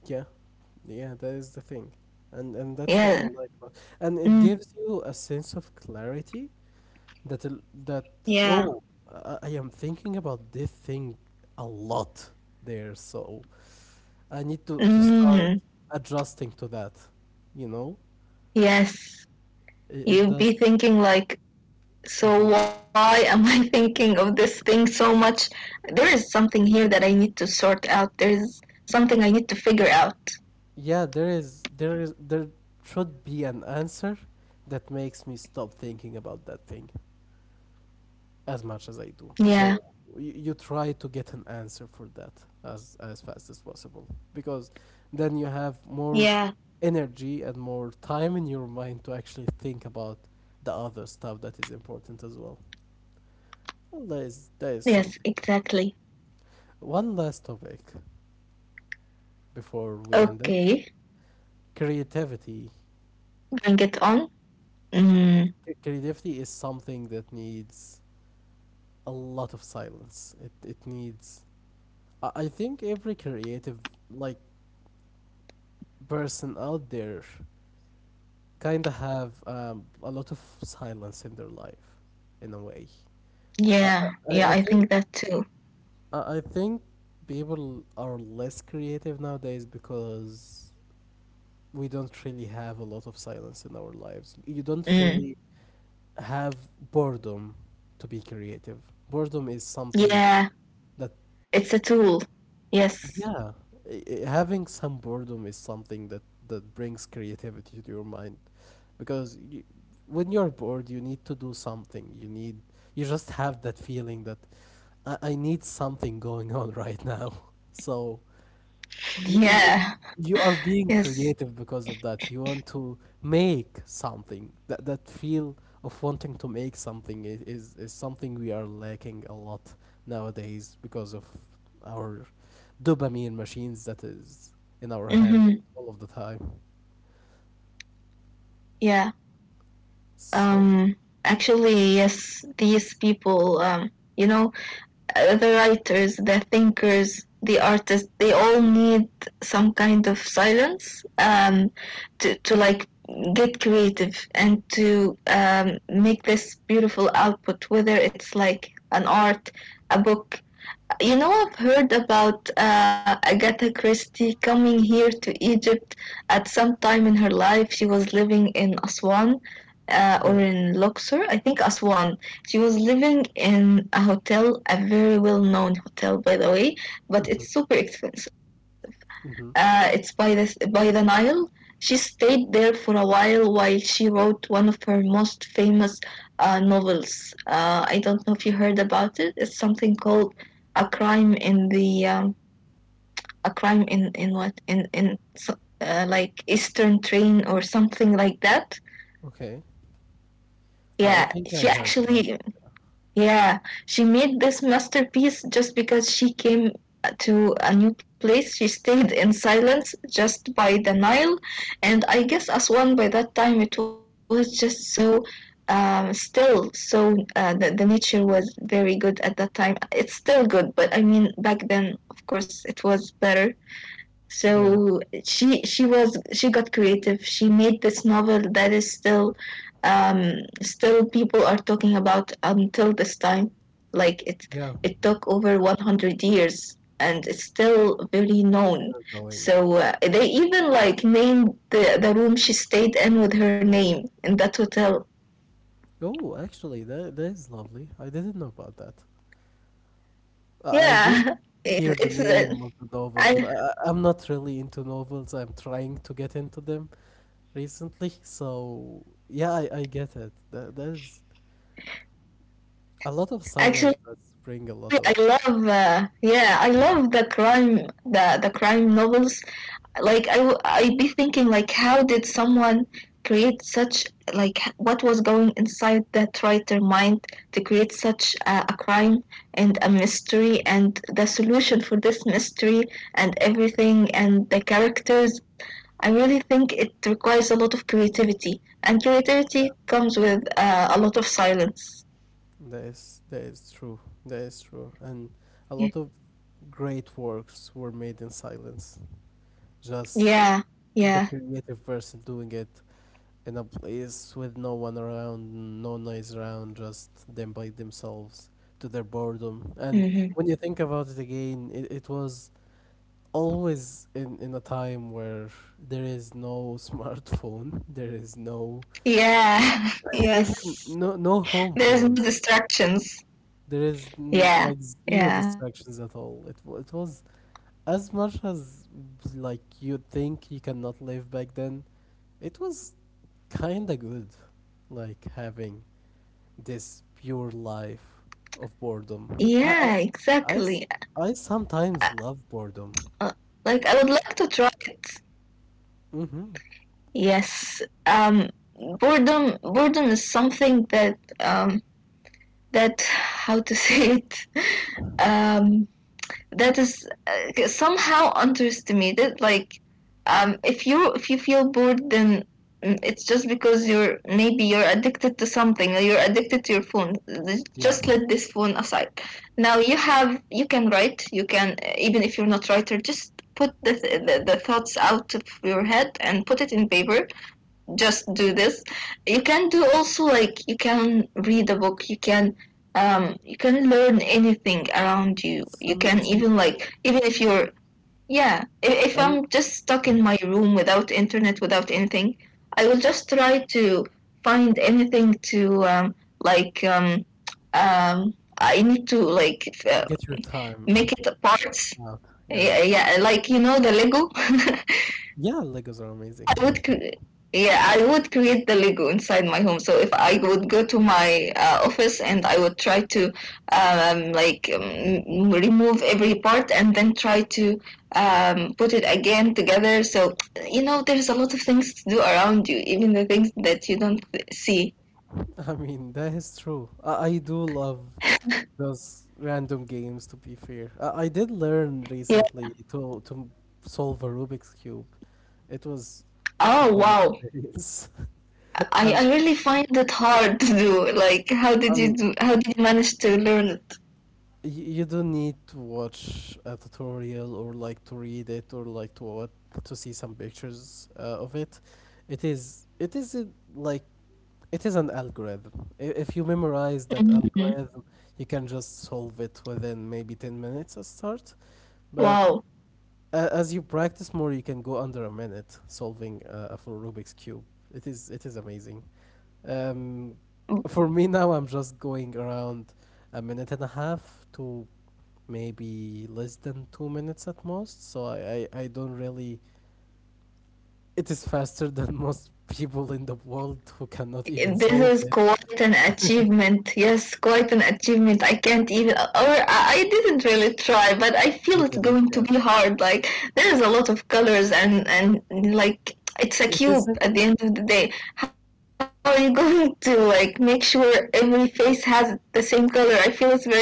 yeah, yeah, that is the thing, and that's what I Yeah. like about, and it Mm. gives you a sense of clarity that that oh, Yeah. I am thinking about this thing a lot there, so I need to start Mm. adjusting to that, you know, Yes. It You'd does. be thinking like, so Hmm. why am I (laughs) thinking of this thing so much? There is something here that I need to sort out. There is something I need to figure out. Yeah, there is there should be an answer that makes me stop thinking about that thing as much as I do. Yeah. So you try to get an answer for that as fast as possible, because then you have more Yeah. energy and more time in your mind to actually think about the other stuff that is important as well. Well, there is Yes, something. exactly. One last topic before we end it. Okay. Creativity. Bring it on. Mm. Creativity is something that needs a lot of silence. It needs. I think every creative like person out there kind of have a lot of silence in their life, in a way. I, Yeah, I, yeah, I I I think think that too. I think people are less creative nowadays because we don't really have a lot of silence in our lives. You don't Mm. really have boredom to be creative. Boredom is something Yeah, that it's a tool. Yes. yeah, having some boredom is something that that brings creativity to your mind. Because when you're bored you need to do something, you need, you just have that feeling that I need something going on right now. (laughs) So you, you, Yeah. you are being Yes. creative because of that. You want to make something, that that feel of wanting to make something is something we are lacking a lot nowadays, because of our dopamine machines that is in our hands, Mm-hmm. All of the time. Yeah. So Um. Actually, yes. These people. You know, the writers, the thinkers, the artists. They all need some kind of silence. To like get creative and to make this beautiful output, whether it's like an art, a book. You know, I've heard about Agatha Christie coming here to Egypt at some time in her life. She was living in Aswan or yeah. in Luxor, I think Aswan. She was living in a hotel, a very well known hotel, by the way, but Hmm. it's super expensive. Hmm. It's by the Nile. She stayed there for a while she wrote one of her most famous novels. I don't know if you heard about it. It's something called A Crime in the A Crime in what like Eastern Train or something like that. Okay. I Yeah, think I she heard about actually it. yeah, she made this masterpiece just because she came to a new place. She stayed in silence just by the Nile, and I guess Aswan by that time it was just so still. So the nature was very good at that time. It's still good, but I mean back then, of course, it was better. Yeah. So she got creative, she made this novel that is still um, still people are talking about until this time. Like it Yeah. it took over 100 years and it's still very It's known, still going. so they even like named the room she stayed in with her name in that hotel. Oh, actually, that that is lovely. I didn't know about that. I did Yeah. (laughs) hear the It's name of the novel, but I I'm not really into novels. I'm trying to get into them recently. So, yeah, I get it. That is a lot of silence does bring a actually lot I of. love yeah I love the crime the crime novels. Like I'd be thinking like how did someone create such like what was going inside that writer mind to create such a crime and a mystery and the solution for this mystery and everything and the characters. I really think it requires a lot of creativity and Yeah. creativity comes with a lot of silence. That is true. That is true. And a Yeah. lot of great works were made in silence. Just yeah the yeah creative person doing it in a place with no one around, no noise around, just them by themselves to their boredom. And Mm-hmm. when you think about it again, it was always in a time where there is no (laughs) smartphone, there is no Yeah, (laughs) (laughs) even yes, no no home there's no phones. distractions. There is Yeah, like zero yeah, distractions at all. It was as much as like you think you cannot live back then. It was kind of good, like having this pure life yeah, of boredom. exactly. I, s- I sometimes uh, love like I boredom. would like to try it. Mm-hmm. Yes. um boredom is something that how to (laughs) say it. um that is somehow underestimated. Like, if you feel bored, then it's just because you're maybe you're addicted to something, or you're addicted to your phone. Yeah, Just let this phone aside. Now you have, you can write, you can, even if you're not a writer, just put the thoughts out of your head and put it in paper. Just do this. You can do also, like, you can read a book, you can, you can learn anything around you. You can some even, people like, even if you're, yeah, if um I'm just stuck in mhm. my room without internet, without anything, I will just try to find anything to, like, I need to like Get your make time it parts. out. Yeah, Yeah, yeah, like you know the Lego. (laughs) yeah, legos are amazing. I would cre- yeah, I would create the Lego inside my home. So if I would go to my office and I would try to, like, remove every part and then try to, put it again together. So you know, there's a lot of things to do around you, even the things that you don't see. (laughs) I mean, that is true. I do love those random games, to be fair. I did learn Yeah. recently to solve a Rubik's Cube. It was a Oh fun wow. experience. (laughs) I, Um, I really find it hard to do. Like, how did I you mean, do? How did you manage to learn it? You don't need to watch a tutorial, or like to read it, or like to what, to see some pictures of it. It is a, like, it is an algorithm. If you memorize that Mhm. algorithm, you can just solve it within maybe 10 minutes at start. But Wow. As you practice more, you can go under a minute solving a full Rubik's cube. It is amazing. Um, for me now, I'm just going around a minute and a half to maybe less than 2 minutes at most. So I don't really. It is faster (laughs) than most people in the world who cannot even This solve is it. quite an achievement. Yes, quite an achievement. I can't even, or I didn't really try, but I feel You it's didn't, going to yeah. be hard. Like, there is a lot of colors and like it's a It cube isn't. at the end of the day. How are you (laughs) going to like make sure every face has the same color? I feel it's very hard.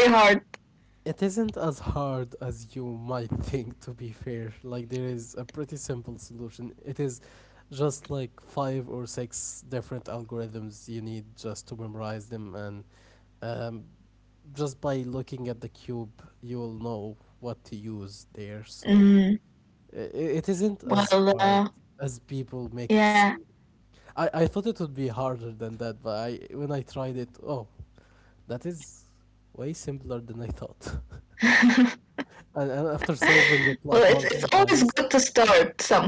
It isn't as hard as you might think, to be fair. Like, there is a pretty simple solution. It is just like five or six different algorithms you need just to memorize them, and um, just by looking at the cube, you'll know what to use there. So, Mm, it isn't as well, hard as people make it yeah. seem. I thought it would be harder than that, but I, when I tried it, oh, that is way simpler than I thought. (laughs) (laughs) And after Well, solving it's it it's like always multiple good to times, start something.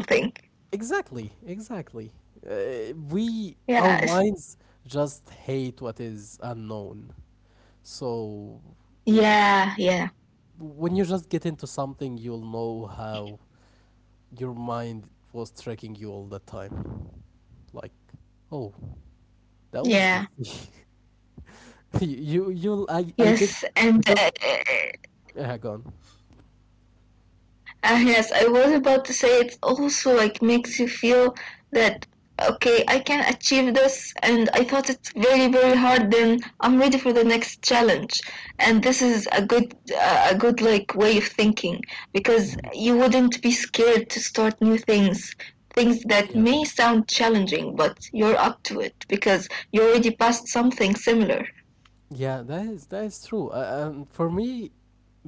exactly, exactly. Our Yeah, it's, minds just hate what is unknown. So w- yeah, yeah, when you just get into something, you'll know how your mind was tricking you all the time. Like, oh, that yeah. was easy. (laughs) I did, Yes, and because, yeah, gone. Yes, I was about to say it also like makes you feel that okay, I can achieve this, and I thought it's very very hard. Then I'm ready for the next challenge, and this is a good like way of thinking, because Mhm. (laughs) you wouldn't be scared to start new things. Things that Yeah. may sound challenging, but you're up to it because you already passed something similar. Yeah, that is true. And for me,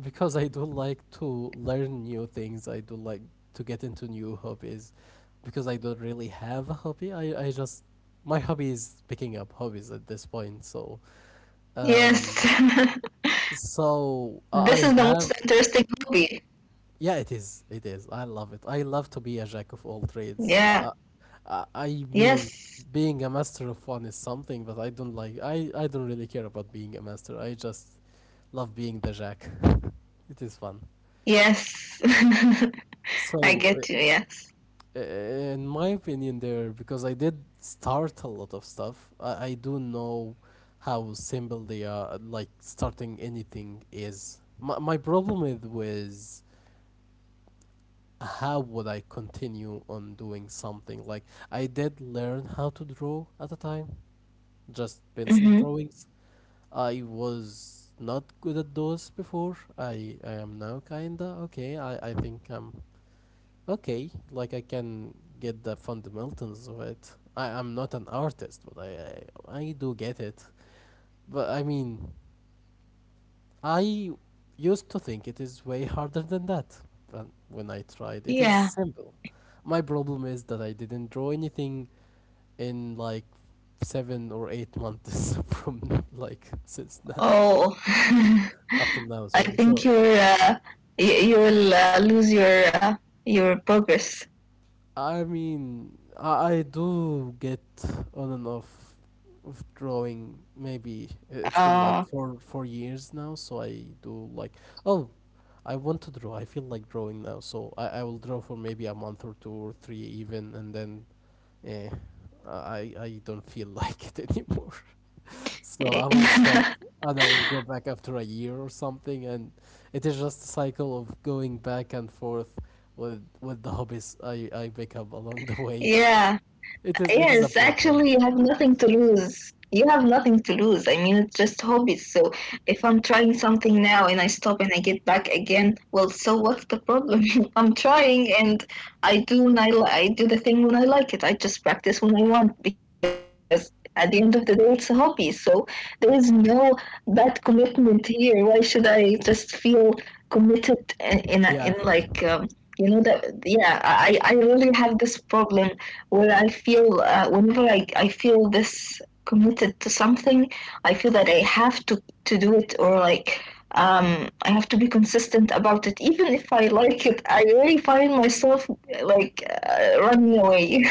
because I do like to learn new things, I do like to get into new hobbies. Because I don't really have a hobby, I just my hobby is picking up hobbies at this point. So, Yes. um, (laughs) so I This is the most have. interesting hobby. Yeah, it is. It is. I love it. I love to be a jack of all trades. Uh, Yeah. I, I mean, Yes. being a master of one is something, but I don't like. I don't really care about being a master. I just love being the jack. (laughs) It is fun. Yes. (laughs) I So, get you. Yes. In my opinion, there because I did start a lot of stuff. I do know how simple they are. Like starting anything is. My problem with was how would I continue on doing something? Like I did learn how to draw at a time, just pencil Hmm. drawings. I was not good at those before. I am now kinda okay. I think I'm okay. Like I can get the fundamentals of it. I'm not an artist, but I do get it. But I mean I used to think it is way harder than that, but when I tried, it is Yeah. simple. My problem is that I didn't draw anything in like 7 or 8 months (laughs) from like since now, Oh. (laughs) up till now. I Sorry, think so you're, you, you will, lose your, your progress. I mean, I do get on and off of drawing. Maybe it's Uh, been like four years now, so I do like oh, I want to draw. I feel like drawing now, so I will draw for maybe a month or two or three even, and then eh, I don't feel (laughs) like it anymore. So I will stop (laughs) and I will go back after a year or something, and it is just a cycle of going back and forth with the hobbies I pick up along the way. (laughs) yeah. It is a Yes, problem. actually, you have nothing to lose. You have nothing to lose. I mean, it's just hobbies. So if I'm trying something now and I stop and I get back again, well, so what's the problem? (laughs) I'm trying, and I do when I do the thing when I like it. I just practice when I want, because at the end of the day, it's a hobby. So there is no bad commitment here. Why should I just feel committed in Yeah, like, you know that? Yeah, I really have this problem when I feel, whenever I feel this committed to something, I feel that I have to do it, or like, I have to be consistent about it. Even if I like it, I really find myself like, running away.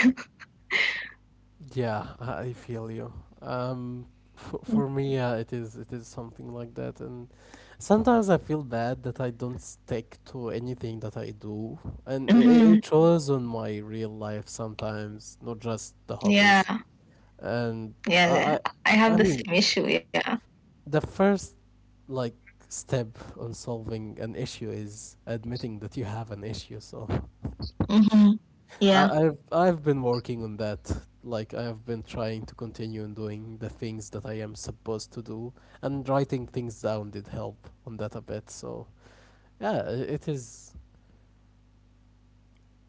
yeah, I feel you. Um, for (laughs) me, it is something like that, and sometimes I feel bad that I don't stick to anything that I do, and it, Hmm. it shows on my real life sometimes, not just the hobbies. Yeah, And yeah, I yeah. I I have I the mean same issue. Yeah. the first like step on solving an issue is admitting that you have an issue. So Hmm. I, Yeah. I've I've been working on that. Like I have been trying to continue on doing the things that I am supposed to do, and writing things down did help on that a bit. So yeah, it is.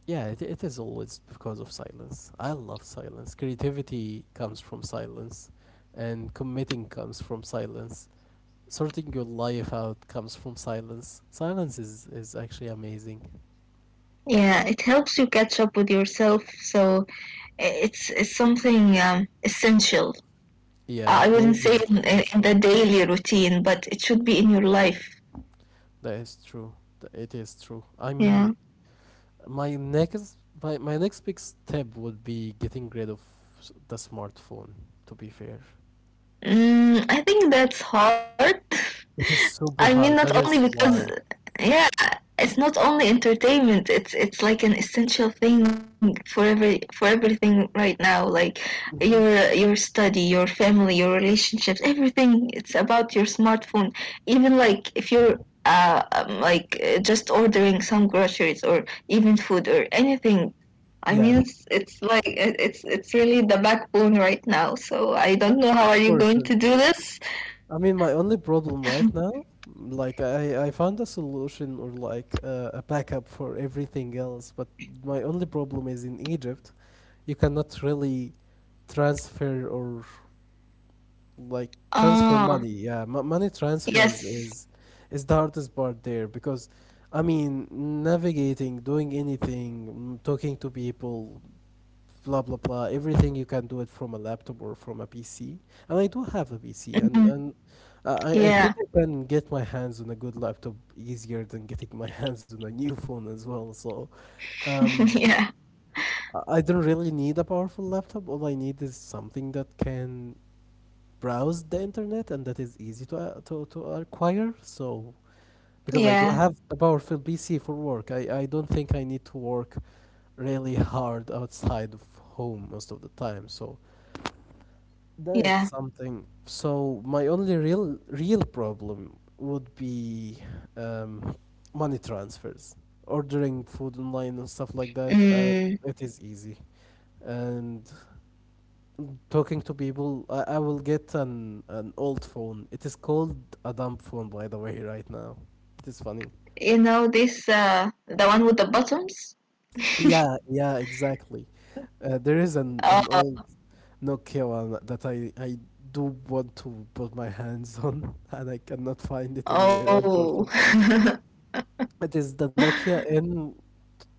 Yeah, it is always because of silence. I love silence. Creativity comes from silence, and committing comes from silence. Sorting your life out comes from silence. Silence is actually amazing. Yeah, it helps you catch up with yourself, so it's something, essential. Yeah, I wouldn't say boredom is in essential. the daily routine, but it should be in your life. That is true. It is true. I Yeah. mean, my next my next big step would be getting rid of the smartphone, to be fair. Mm, I think that's hard. It is (laughs) I super mean, not hard. only That is because, why. yeah, it's not only entertainment. It's like an essential thing for every for everything right now. Like Mhm. your study, your family, your relationships, everything. It's about your smartphone. Even like if you're, like, just ordering some groceries or even food or anything. I Yeah. mean, it's like it's really the backbone right now. So I don't know how are you going to do Unfortunately. this. I mean, my only problem right now, like I found a solution or like a backup for everything else, but my only problem is in Egypt, you cannot really transfer or like transfer Ah, money. Yeah, money transfers yes. is the hardest part there because, I mean, navigating, doing anything, talking to people, blah blah blah everything you can do it from a laptop or from a PC, and I do have a PC, and Mhm. and I think Yeah, I can get my hands on a good laptop easier than getting my (laughs) hands on a new phone as well. So um (laughs) yeah, I don't really need a powerful laptop. All I need is something that can browse the internet and that is easy to to acquire. So because I do have yeah, a powerful PC for work, I don't think I need to work really hard outside of home most of the time. So Nice. yeah. Something. So my only real problem would be um, money transfers, ordering food online and stuff like that. Mm. It is easy. And talking to people, I will get an old phone. It is called a dumb phone, by the way, right now. It is funny. You know this the one with the buttons. Yeah, yeah, exactly. There is an old Oh, no Kewan that I do want to put my hands on, (laughs) and I cannot find it anywhere, oh, unfortunately. It is the Nokia N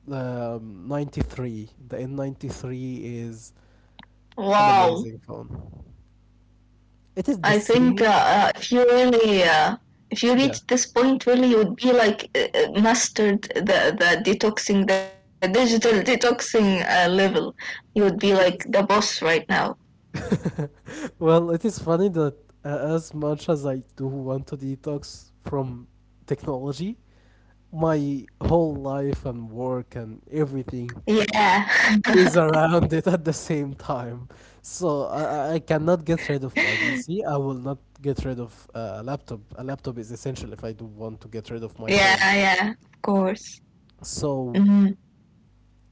93. The N93 is (laughs) an wow. amazing phone. It is the I think, same. If you really, if you Yeah, reach this point, really, you would be like, mastered the detoxing, the digital (laughs) detoxing level. You would be it is. like the boss right now. (laughs) Well, it is funny that as much as I do want to detox from technology, my whole life and work and everything Yeah, is (laughs) around (laughs) it at the same time. So I cannot get rid of my PC. I will not get rid of a laptop. A laptop is essential if I do want to get rid of my yeah, phone. yeah. Of course. So Mm,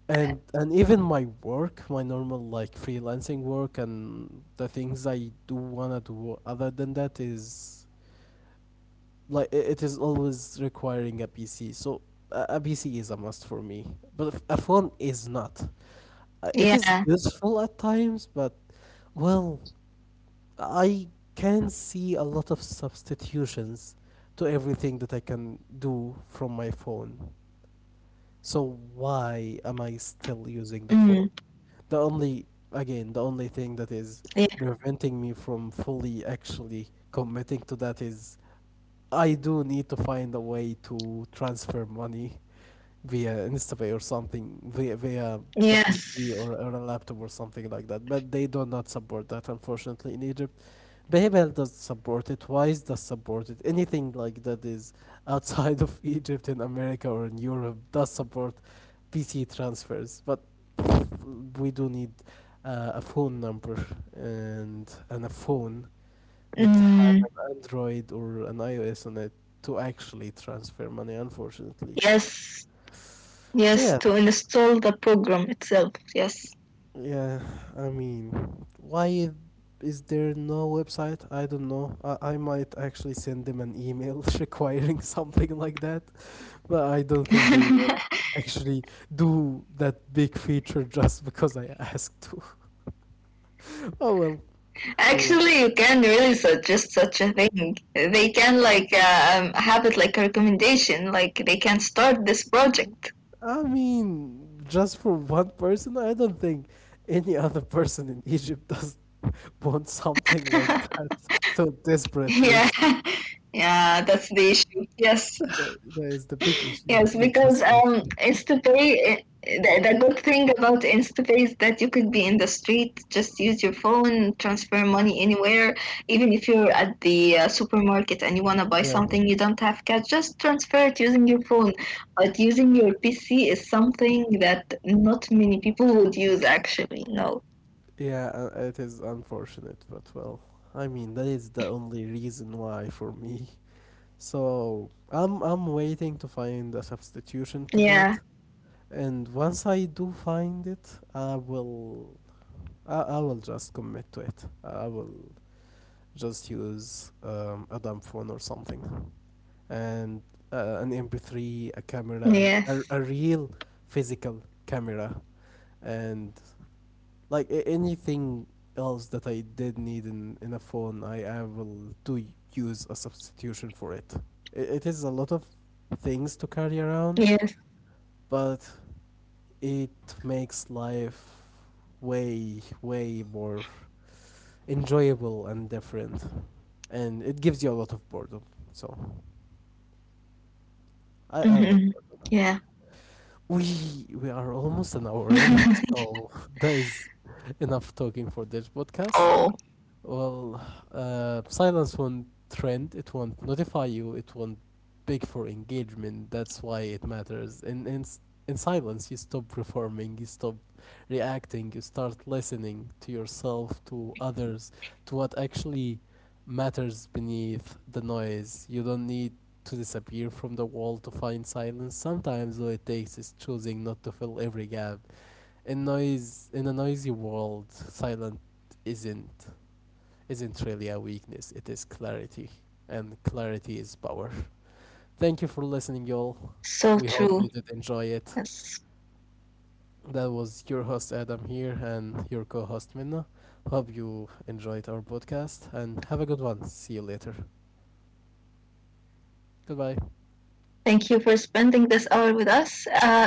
and even my work, my normal like freelancing work and the things I do wanna do other than that is like it is always requiring a PC. So PC is a must for me, but a phone is not. It is yeah. useful at times, but well. I can see a lot of substitutions to everything that I can do from my phone. So why am I still using the Mm, phone? The only, again, the only thing that is yeah. preventing me from fully actually committing to that is I do need to find a way to transfer money via Instapay or something via the Yes. PC or a laptop or something like that. But they do not support that unfortunately in Egypt. PayPal does support it. Wise does support it. Anything like that is outside of (laughs) Egypt in America or in Europe does support PC transfers. But we do need a phone number and a phone that Mm, have an Android or an iOS on it to actually transfer money. Unfortunately, yes. so Yes. yeah. To install the program itself. Yes. Yeah, I mean, why is there no website? I don't know. I might actually send them an email (laughs) requiring something like that, but I don't think they will (laughs) actually do that big feature (laughs) just because I asked to. (laughs) Oh well, Actually, you can really suggest such a thing. They can like, have it like a recommendation, like they can start this project. (laughs) I mean, just for one person, I don't think any other person in Egypt does (laughs) want something like that so desperately. Yeah, yeah, that's the issue. Yes. That is the big issue, (laughs) Yes, not because, just the issue. InstaPay, eh, the good thing about InstaPay is that you could be in the street, just use your phone, transfer money anywhere. Even if you're at the supermarket and you want to buy Yeah, something, you don't have cash, just transfer it using your phone. But using your PC is something that not many people would use, actually. No. yeah, it is unfortunate, but well, I mean that is the only reason why for me. So I'm waiting to Yeah. find a substitution to that, and once I do find it, I will I will just commit to it. I will just use a dumb phone or something, and an MP3, a camera, Yes. A real physical camera, and like anything else that I did need in a phone, I will do use a substitution for it. It is a lot of things to carry around, Yes. but it makes life way way more enjoyable and different, and it gives you a lot of boredom. So I love. Mm-hmm. Boredom. Yeah. We we are almost an hour in, (laughs) so (laughs) that is enough talking for this podcast. Oh, Well, silence won't trend, it won't notify you, it won't beg for engagement. That's why it matters. In silence, you stop performing, you stop reacting, you start listening to yourself, to others, to what actually matters beneath the noise. You don't need to disappear from the world to find silence. Sometimes all it takes is choosing not to fill every gap. In noise, in a noisy world, silent isn't isn't really a weakness, it is clarity. And clarity is power. Thank you for listening, y'all. We so hope you true. did enjoy it. Yes. That was your host Adam here and your co host Minna. Hope you enjoyed our podcast and have a good one. See you later. Goodbye. Thank you for spending this hour with us. Goodbye.